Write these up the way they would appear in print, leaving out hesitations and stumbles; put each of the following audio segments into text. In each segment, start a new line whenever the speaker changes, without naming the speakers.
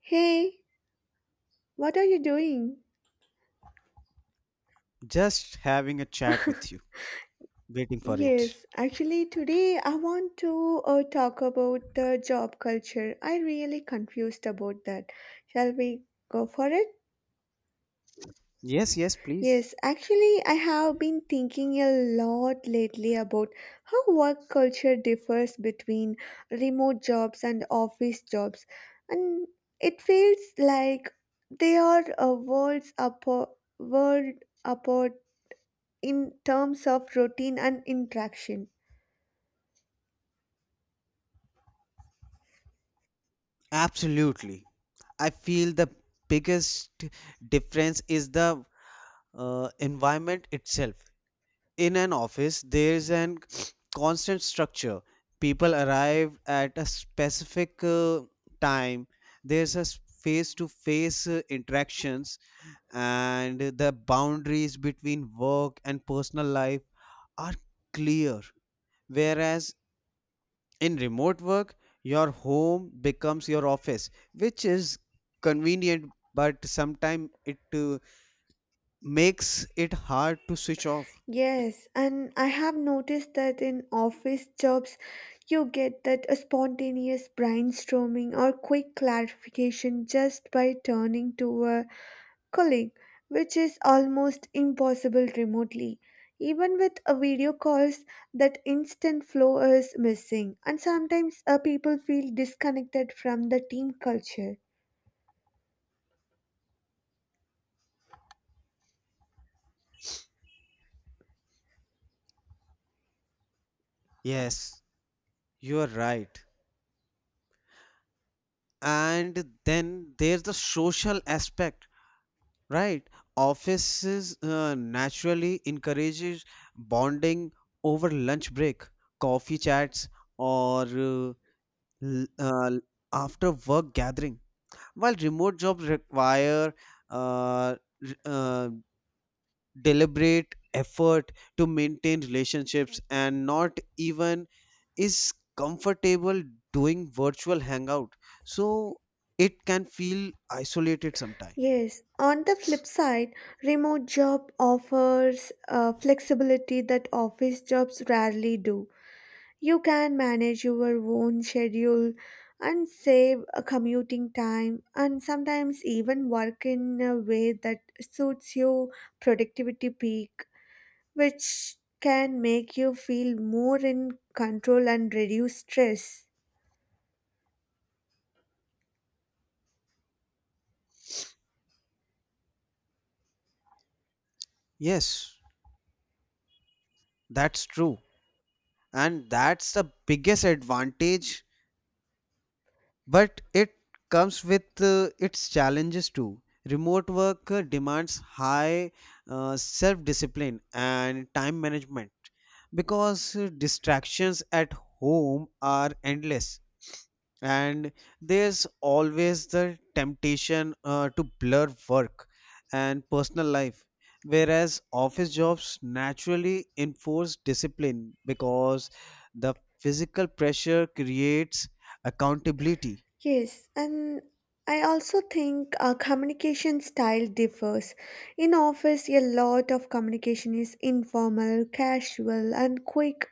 Hey, what are you doing?
Just having a chat with you. Waiting for it.
Yes, actually, today I want to talk about the job culture. I really confused about that. Shall we go for it?
Yes, yes, please.
Yes, actually, I have been thinking a lot lately about how work culture differs between remote jobs and office jobs, and it feels like they are worlds apart, world apart in terms of routine and interaction.
Absolutely. I feel the biggest difference is the environment itself. In an office, there is an constant structure. People arrive at a specific time. There's a face to face interactions, and the boundaries between work and personal life are clear. Whereas in remote work, your home becomes your office, which is convenient, but sometimes it makes it hard to switch off.
Yes, and I have noticed that in office jobs, you get that a spontaneous brainstorming or quick clarification just by turning to a colleague, which is almost impossible remotely. Even with a video calls, that instant flow is missing, and sometimes people feel disconnected from the team culture.
Yes, you are right. And then there's the social aspect, right? Offices naturally encourages bonding over lunch break, coffee chats, or l- uh, after work gathering. While remote jobs require uh, r- uh, deliberate effort to maintain relationships, and not even is comfortable doing virtual hangout, so it can feel isolated sometimes.
Yes, on the flip side, remote job offers flexibility that office jobs rarely do. You can manage your own schedule and save commuting time and sometimes even work in a way that suits your productivity peak, which can make you feel more in control and reduce stress.
Yes, that's true, and that's the biggest advantage. But it comes with its challenges too. Remote work demands high self discipline and time management because distractions at home are endless. And there's always the temptation to blur work and personal life, whereas office jobs naturally enforce discipline because the physical pressure creates accountability.
Yes, and I also think our communication style differs. In office, a lot of communication is informal, casual, and quick,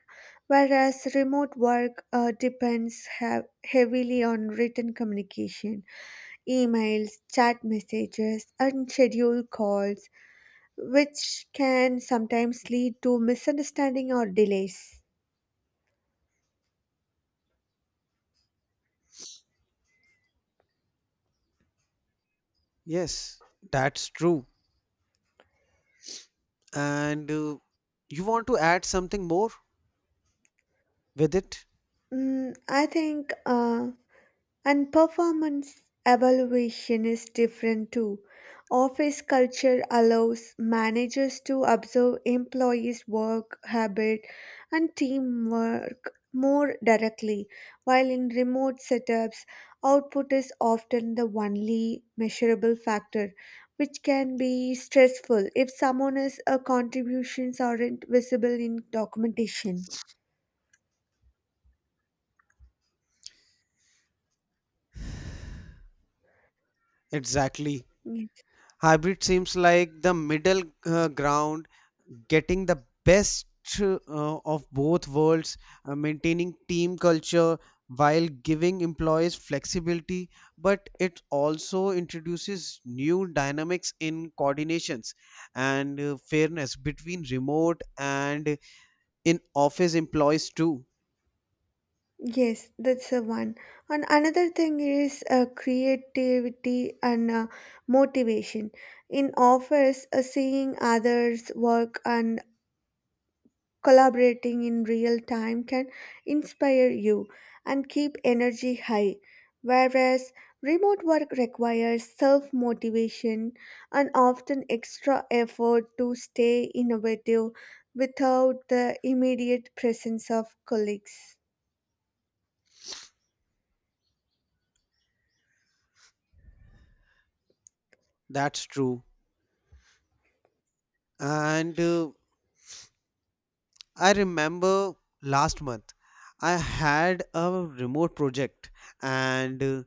whereas remote work depends heavily on written communication, emails, chat messages, and scheduled calls, which can sometimes lead to misunderstanding or delays.
Yes, that's true. And you want to add something more with it?
Mm, I think. And performance evaluation is different too. Office culture allows managers to observe employees' work habit and teamwork more directly, while in remote setups, output is often the only measurable factor, which can be stressful if someone's contributions aren't visible in documentation.
Exactly. Hybrid seems like the middle ground, getting the best uh, of both worlds, maintaining team culture while giving employees flexibility, but it also introduces new dynamics in coordinations and fairness between remote and in office employees too.
Yes, that's the one. And another thing is creativity and motivation. In office, seeing others work and collaborating in real time can inspire you and keep energy high. Whereas remote work requires self motivation and often extra effort to stay innovative without the immediate presence of colleagues.
That's true. And I remember last month I had a remote project and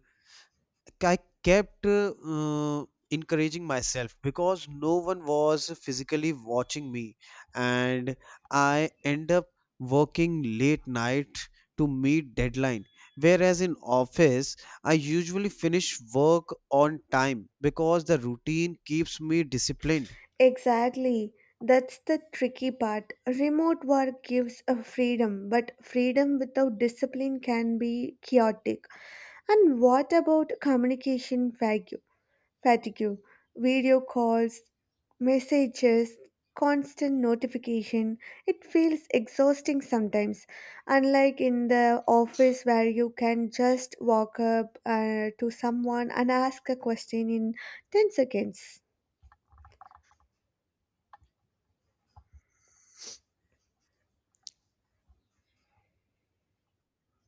I kept encouraging myself because no one was physically watching me, and I end up working late night to meet deadline, whereas in office I usually finish work on time because the routine keeps me disciplined.
Exactly. That's the tricky part. Remote work gives a freedom, but freedom without discipline can be chaotic. And what about communication fatigue? Fatigue, video calls, messages, constant notification. It feels exhausting sometimes. Unlike in the office where you can just walk up to someone and ask a question in 10 seconds.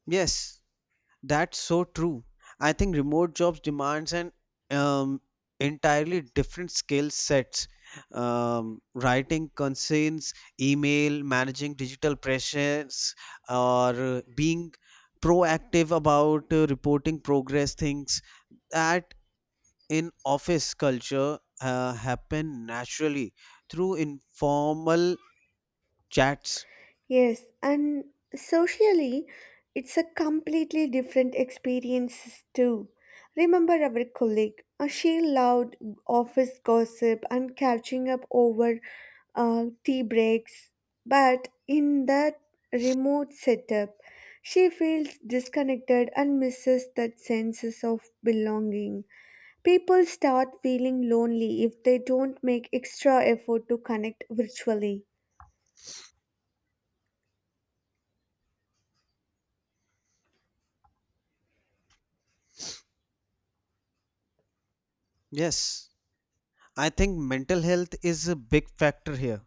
Yes. That's so true. I think remote jobs demands an um, entirely different skill sets. Writing concerns, email, managing digital presence, or being proactive about reporting progress things that in office culture happen naturally through informal chats.
Yes, and socially, it's a completely different experience too. Remember our colleague? She loved office gossip and catching up over tea breaks. But in that remote setup, she feels disconnected and misses that sense of belonging. People start feeling lonely if they don't make extra effort to connect virtually.
Yes, I think mental health is a big factor here.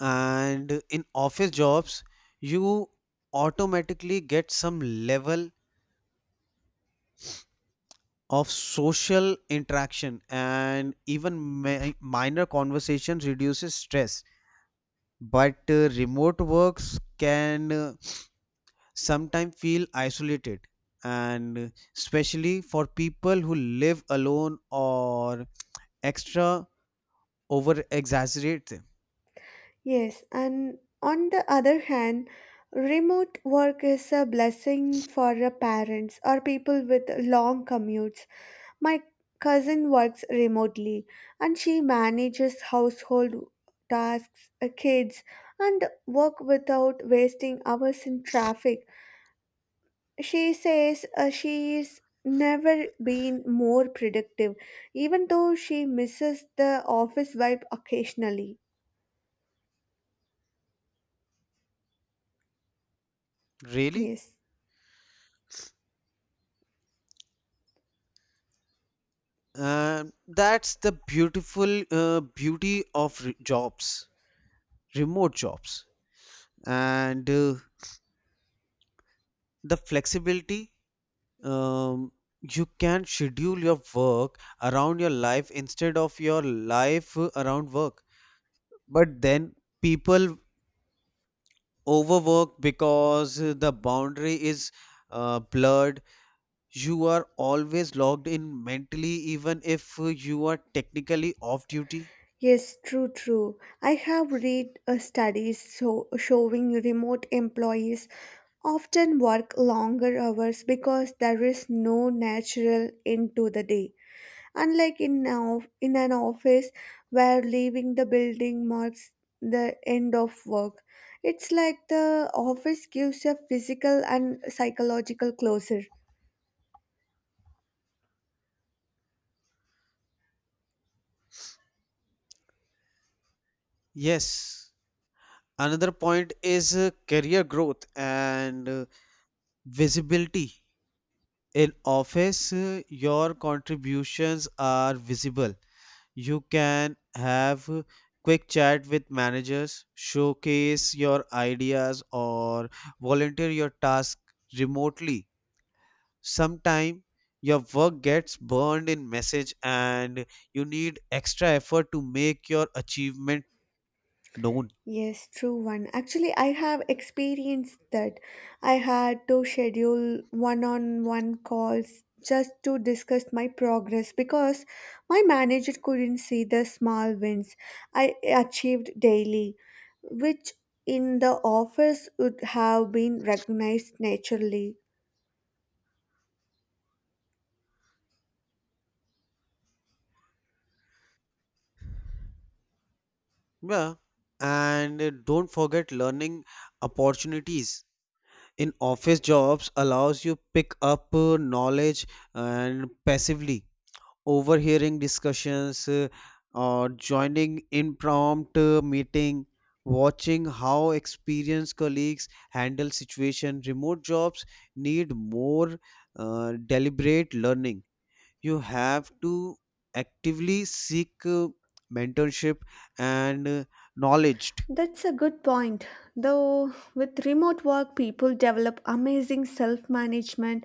And in office jobs you automatically get some level of social interaction, and even minor conversations reduces stress, but remote works can sometimes feel isolated and especially for people who live alone or extra over exaggerate them.
Yes, and on the other hand, remote work is a blessing for the parents or people with long commutes. My cousin works remotely and she manages household tasks, kids, and work without wasting hours in traffic. She says she's never been more productive, even though she misses the office vibe occasionally.
Really?
Yes.
That's the beautiful beauty of re- jobs remote jobs and the flexibility. um, you can schedule your work around your life instead of your life around work, but then people overwork because the boundary is blurred. You are always logged in mentally even if you are technically off duty.
Yes, true, true. I have read studies so showing remote employees often work longer hours because there is no natural end to the day. Unlike in now in an office where leaving the building marks the end of work. It's like the office gives a physical and psychological closure.
Yes, another point is career growth and visibility. In office, your contributions are visible. You can have quick chat with managers, showcase your ideas, or volunteer your task remotely. Sometimes your work gets burned in message, and you need extra effort to make your achievement known.
Yes, true one. Actually, I have experienced that. I had to schedule one-on-one calls just to discuss my progress because my manager couldn't see the small wins I achieved daily, which in the office would have been recognized naturally.
Yeah. And don't forget learning opportunities. In office jobs allows you pick up knowledge and passively overhearing discussions, or joining impromptu meeting, watching how experienced colleagues handle situation. Remote jobs need more deliberate learning. You have to actively seek mentorship and knowledge.
That's a good point. Though, with remote work, people develop amazing self management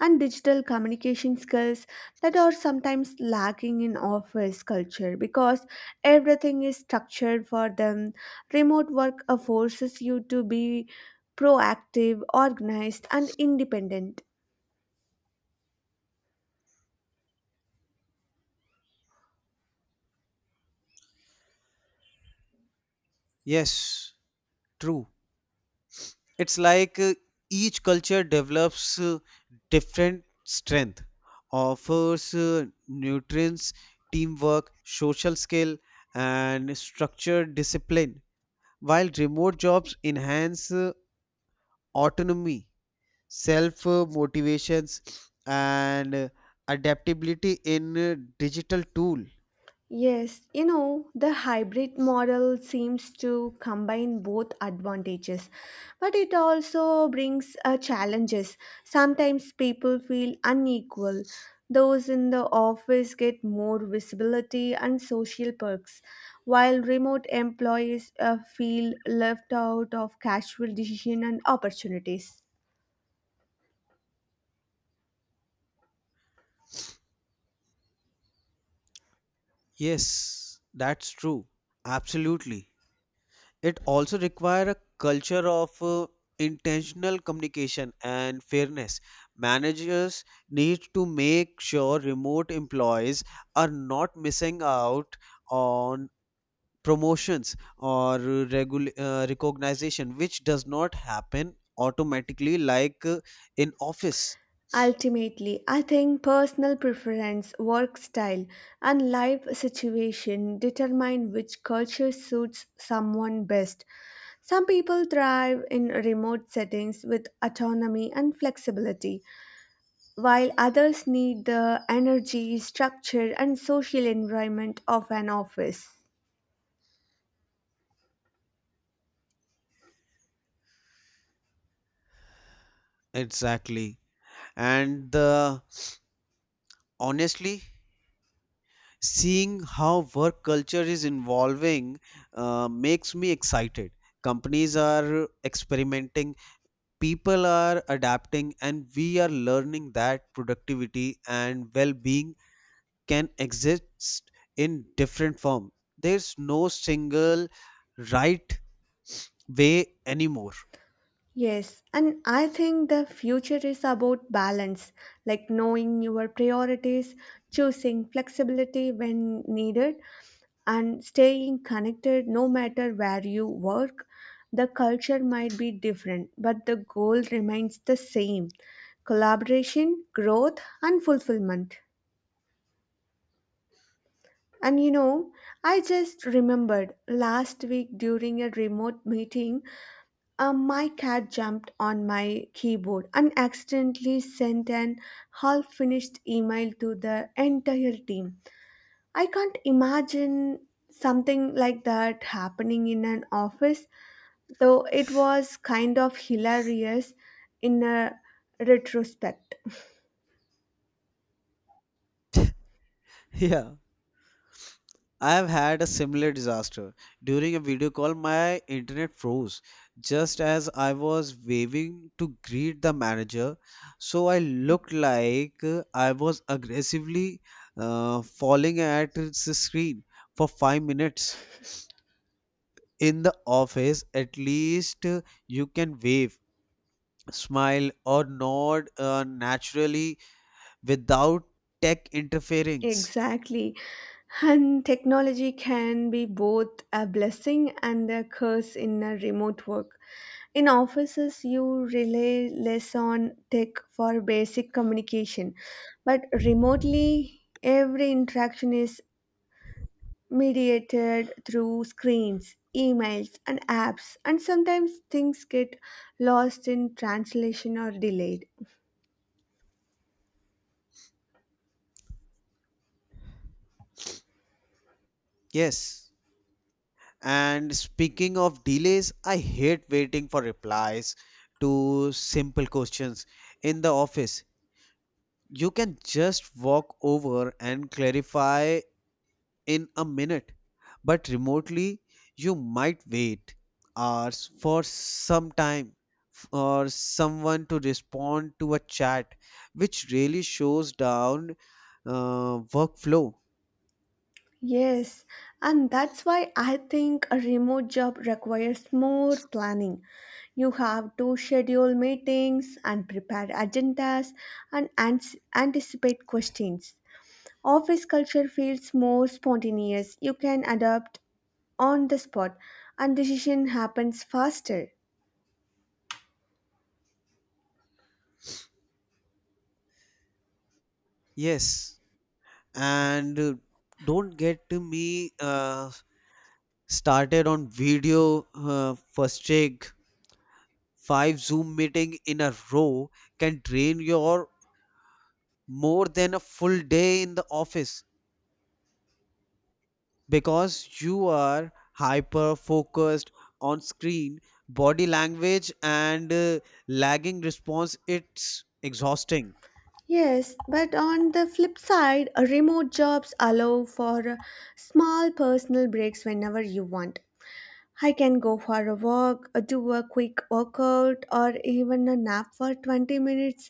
and digital communication skills that are sometimes lacking in office culture because everything is structured for them. Remote work forces you to be proactive, organized, and independent.
Yes, true. It's like each culture develops different strength, offers nutrients, teamwork, social skill, and structured discipline, while remote jobs enhance autonomy, self motivations, and adaptability in digital tool.
Yes, you know, the hybrid model seems to combine both advantages, but it also brings challenges. Sometimes people feel unequal. Those in the office get more visibility and social perks, while remote employees feel left out of casual decision and opportunities.
Yes, that's true. Absolutely. It also require a culture of intentional communication and fairness. Managers need to make sure remote employees are not missing out on promotions or recognition, which does not happen automatically like in office.
Ultimately, I think personal preference, work style, and life situation determine which culture suits someone best. Some people thrive in remote settings with autonomy and flexibility, while others need the energy, structure, and social environment of an office.
Exactly. And honestly, seeing how work culture is evolving makes me excited. Companies are experimenting, people are adapting, and we are learning that productivity and well-being can exist in different form. There's no single right way anymore.
Yes, and I think the future is about balance, like knowing your priorities, choosing flexibility when needed and staying connected no matter where you work. The culture might be different, but the goal remains the same collaboration, growth, and fulfillment. And you know, I just remembered last week during a remote meeting, my cat jumped on my keyboard and accidentally sent an half finished email to the entire team. I can't imagine something like that happening in an office though it was kind of hilarious in a retrospect.
Yeah. I have had a similar disaster. During a video call, my internet froze just as I was waving to greet the manager. So I looked like I was aggressively falling at the screen for 5 minutes. In the office, at least you can wave, smile, or nod naturally without tech interference.
Exactly. And technology can be both a blessing and a curse in a remote work. In offices, you rely less on tech for basic communication, but remotely, every interaction is mediated through screens, emails, and apps, and sometimes things get lost in translation or delayed.
Yes. And speaking of delays, I hate waiting for replies to simple questions. In the office, you can just walk over and clarify in a minute, but remotely, you might wait hours for some time for someone to respond to a chat, which really shows down workflow.
Yes, and that's why I think a remote job requires more planning. You have to schedule meetings and prepare agendas and anticipate questions. Office culture feels more spontaneous. You can adapt on the spot and decision happens faster.
Yes, and don't get to me. Started on video, first check, five zoom meeting in a row can drain your more than a full day in the office because you are hyper focused on screen body language and lagging response. It's exhausting.
Yes, but on the flip side, remote jobs allow for small personal breaks whenever you want. I can go for a walk, do a quick workout, or even a nap for 20 minutes,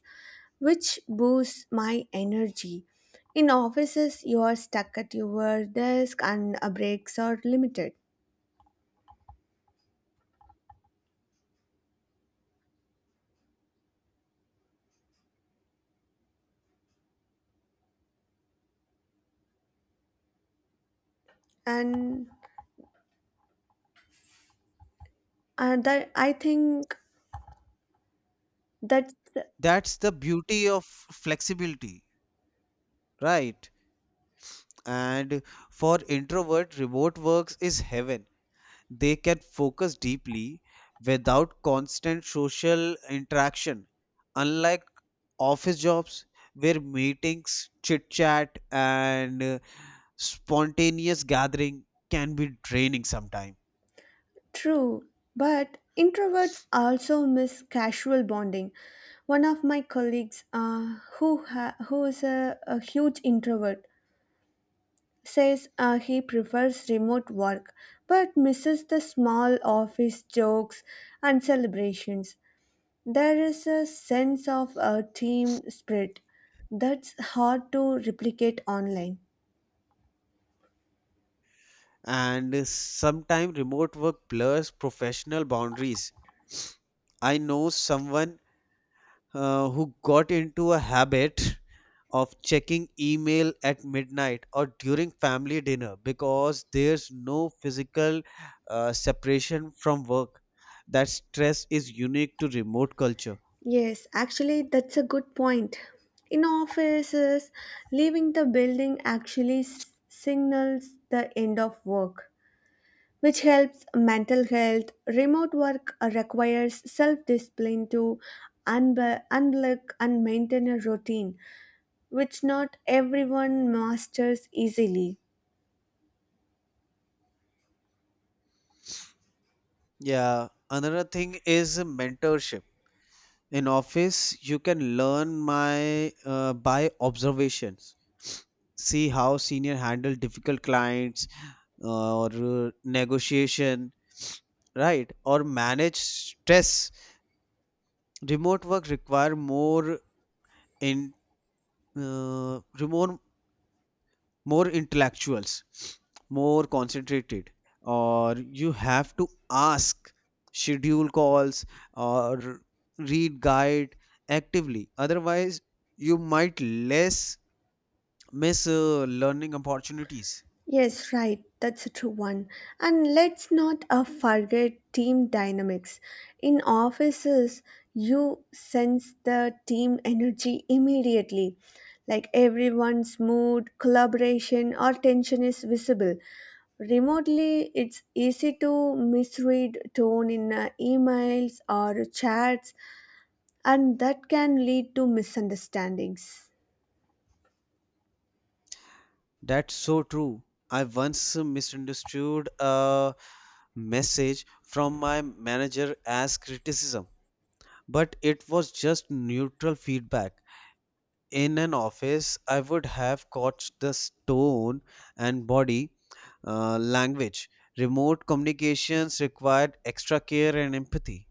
which boosts my energy. In offices, you are stuck at your desk and breaks are limited. And that, I think that
That's the beauty of flexibility, right? And for introvert, remote works is heaven. They can focus deeply without constant social interaction, unlike office jobs where meetings, chit chat, and spontaneous gathering can be draining sometimes.
True, but introverts also miss casual bonding. One of my colleagues, who is a huge introvert, says he prefers remote work, but misses the small office jokes and celebrations. There is a sense of a team spirit that's hard to replicate online.
And sometimes remote work blurs professional boundaries. I know someone who got into a habit of checking email at midnight or during family dinner because there's no physical separation from work. That stress is unique to remote culture.
Yes, actually, that's a good point. In offices, leaving the building actually signals the end of work, which helps mental health. Remote work requires self discipline to unblock and maintain a routine, which not everyone masters easily.
Yeah, another thing is mentorship. In office, you can learn my by observations, see how senior handle difficult clients, or negotiation, right, or manage stress. Remote work require more in remote, more intellectuals, more concentrated, or you have to ask, schedule calls, or read guide actively, otherwise you might less miss learning opportunities.
Yes, right. That's a true one. And let's not forget team dynamics. In offices, you sense the team energy immediately. Like everyone's mood, collaboration, or tension is visible. Remotely, it's easy to misread tone in emails or chats, and that can lead to misunderstandings.
That's so true. I once misunderstood a message from my manager as criticism, but it was just neutral feedback. In an office, I would have caught the tone and body language. Remote communications required extra care and empathy.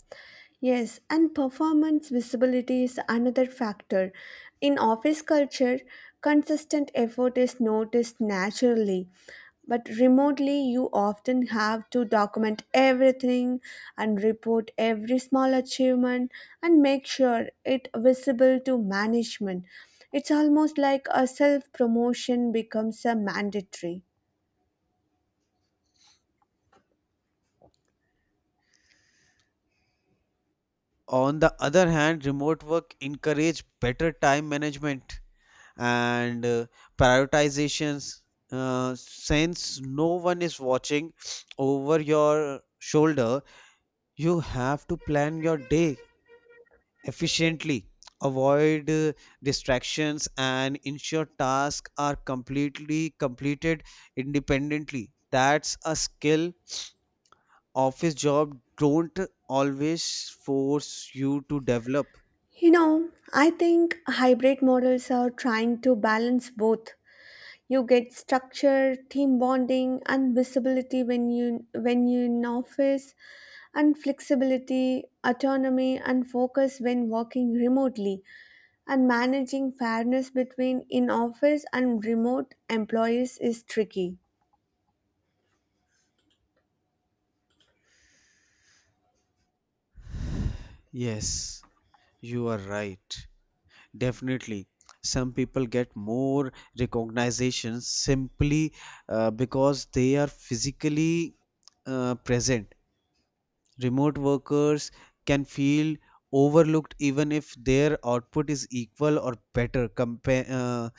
Yes, and performance visibility is another factor. In office culture, consistent effort is noticed naturally, but remotely, you often have to document everything and report every small achievement and make sure it visible to management. It's almost like a self promotion becomes a mandatory.
On the other hand, remote work encouraged better time management and prioritizations. Since no one is watching over your shoulder, you have to plan your day efficiently, avoid distractions, and ensure tasks are completely completed independently. That's a skill office job don't always force you to develop.
You know, I think hybrid models are trying to balance both. You get structure, team bonding, and visibility when you're in office, and flexibility, autonomy, and focus when working remotely. And managing fairness between in office and remote employees is tricky.
Yes, you are right. Definitely. Some people get more recognition simply because they are physically present. Remote workers can feel overlooked even if their output is equal or better. Compa- uh,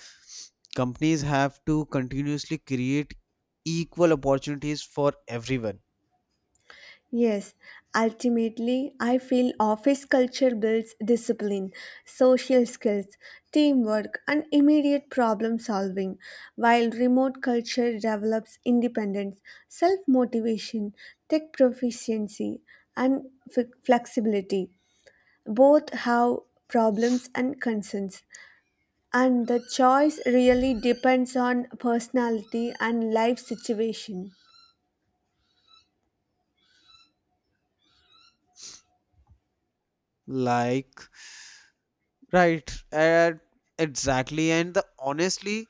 companies have to continuously create equal opportunities for everyone.
Yes, ultimately, I feel office culture builds discipline, social skills, teamwork, and immediate problem solving, while remote culture develops independence, self motivation, tech proficiency, and flexibility. Both have problems and concerns, and the choice really depends on personality and life situation.
Like, right, and exactly. And the honestly,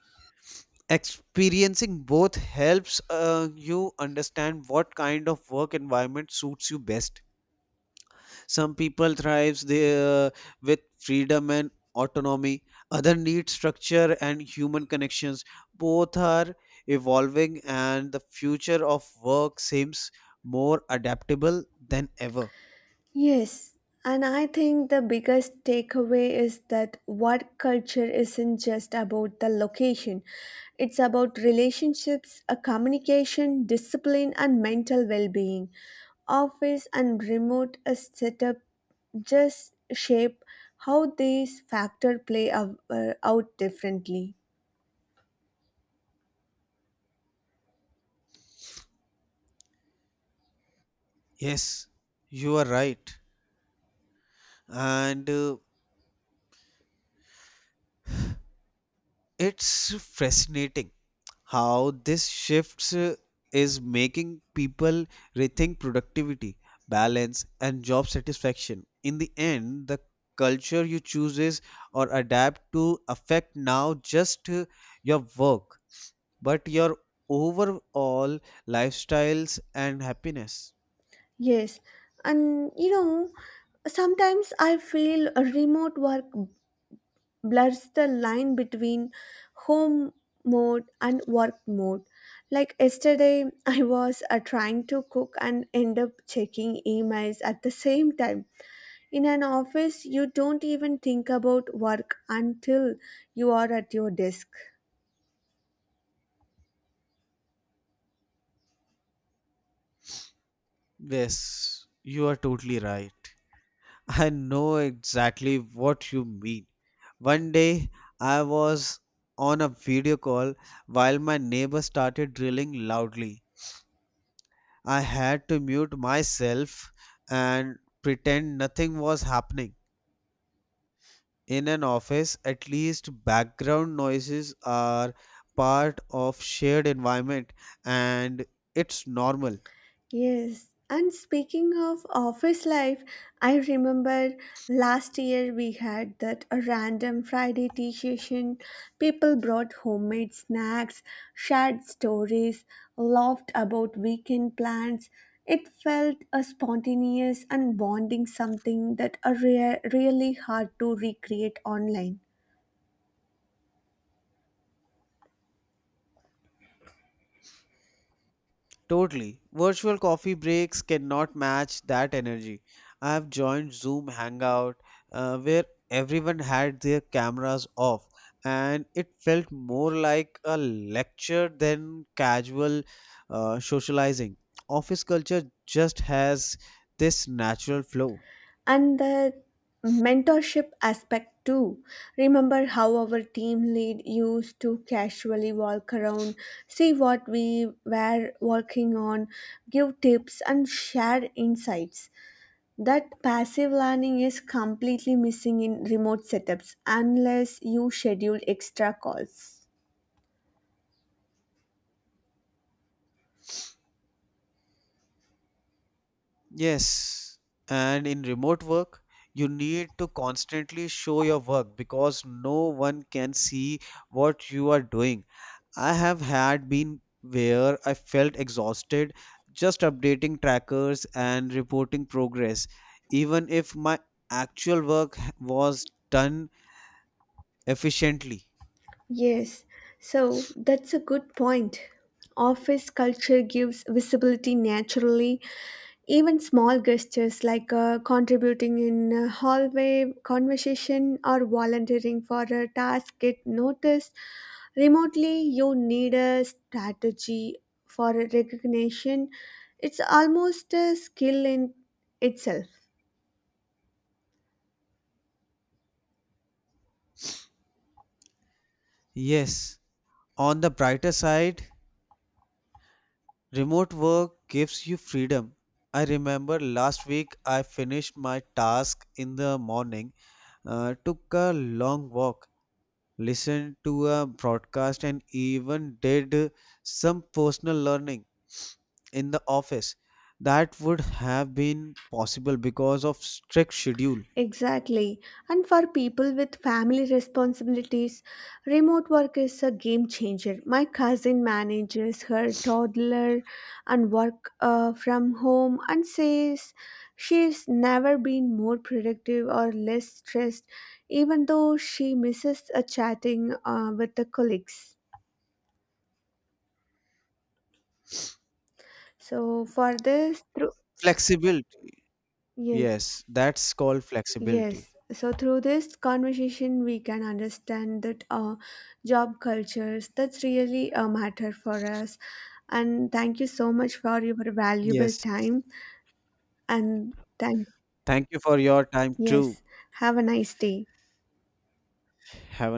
experiencing both helps you understand what kind of work environment suits you best. Some people thrives there with freedom and autonomy. Other need structure and human connections. Both are evolving, and the future of work seems more adaptable than ever.
Yes, and I think the biggest takeaway is that what culture isn't just about the location, it's about relationships, a communication, discipline, and mental well being. Office and remote setup just shape how these factors play out, differently.
Yes, you are right, and it's fascinating how this shifts is making people rethink productivity, balance, and job satisfaction. In the end, the culture you chooses or adapt to affect now just your work, but your overall lifestyles and happiness.
Yes, and you know, sometimes I feel a remote work blurs the line between home mode and work mode. Like yesterday, I was trying to cook and end up checking emails at the same time. In an office, you don't even think about work until you are at your desk.
Yes, you are totally right. I know exactly what you mean. One day I was on a video call while my neighbor started drilling loudly. I had to mute myself and pretend nothing was happening. In an office, at least background noises are part of shared environment, and it's normal.
Yes, and speaking of office life, I remember last year we had that random Friday tea session. People brought homemade snacks, shared stories, laughed about weekend plans. It felt a spontaneous and bonding something that are rare, really hard to recreate online.
Totally. Virtual coffee breaks cannot match that energy. I have joined Zoom Hangout where everyone had their cameras off, and it felt more like a lecture than casual socializing. Office culture just has this natural flow.
And the mentorship aspect too, remember how our team lead used to casually walk around, see what we were working on, give tips and share insights. That passive learning is completely missing in remote setups unless you schedule extra calls.
Yes, and in remote work, you need to constantly show your work because no one can see what you are doing. I have had been where I felt exhausted just updating trackers and reporting progress, even if my actual work was done efficiently.
Yes, so that's a good point. Office culture gives visibility naturally. Even small gestures like contributing in a hallway conversation or volunteering for a task get noticed. Remotely, you need a strategy for recognition. It's almost a skill in itself.
Yes, on the brighter side, remote work gives you freedom. I remember last week I finished my task in the morning, took a long walk, listened to a broadcast, and even did some personal learning. In the office, that would have been possible because of strict schedule.
Exactly. And for people with family responsibilities, remote work is a game changer. My cousin manages her toddler and work from home and says she's never been more productive or less stressed, even though she misses a chatting with the colleagues. So for this, through
Flexibility.
yes.
Yes, that's called flexibility.
Yes, so through this conversation, we can understand that job cultures that's really a matter for us. And thank you so much for your valuable
Yes,
time. And thank
thank you for your time too.
yes, have a nice day.
Have a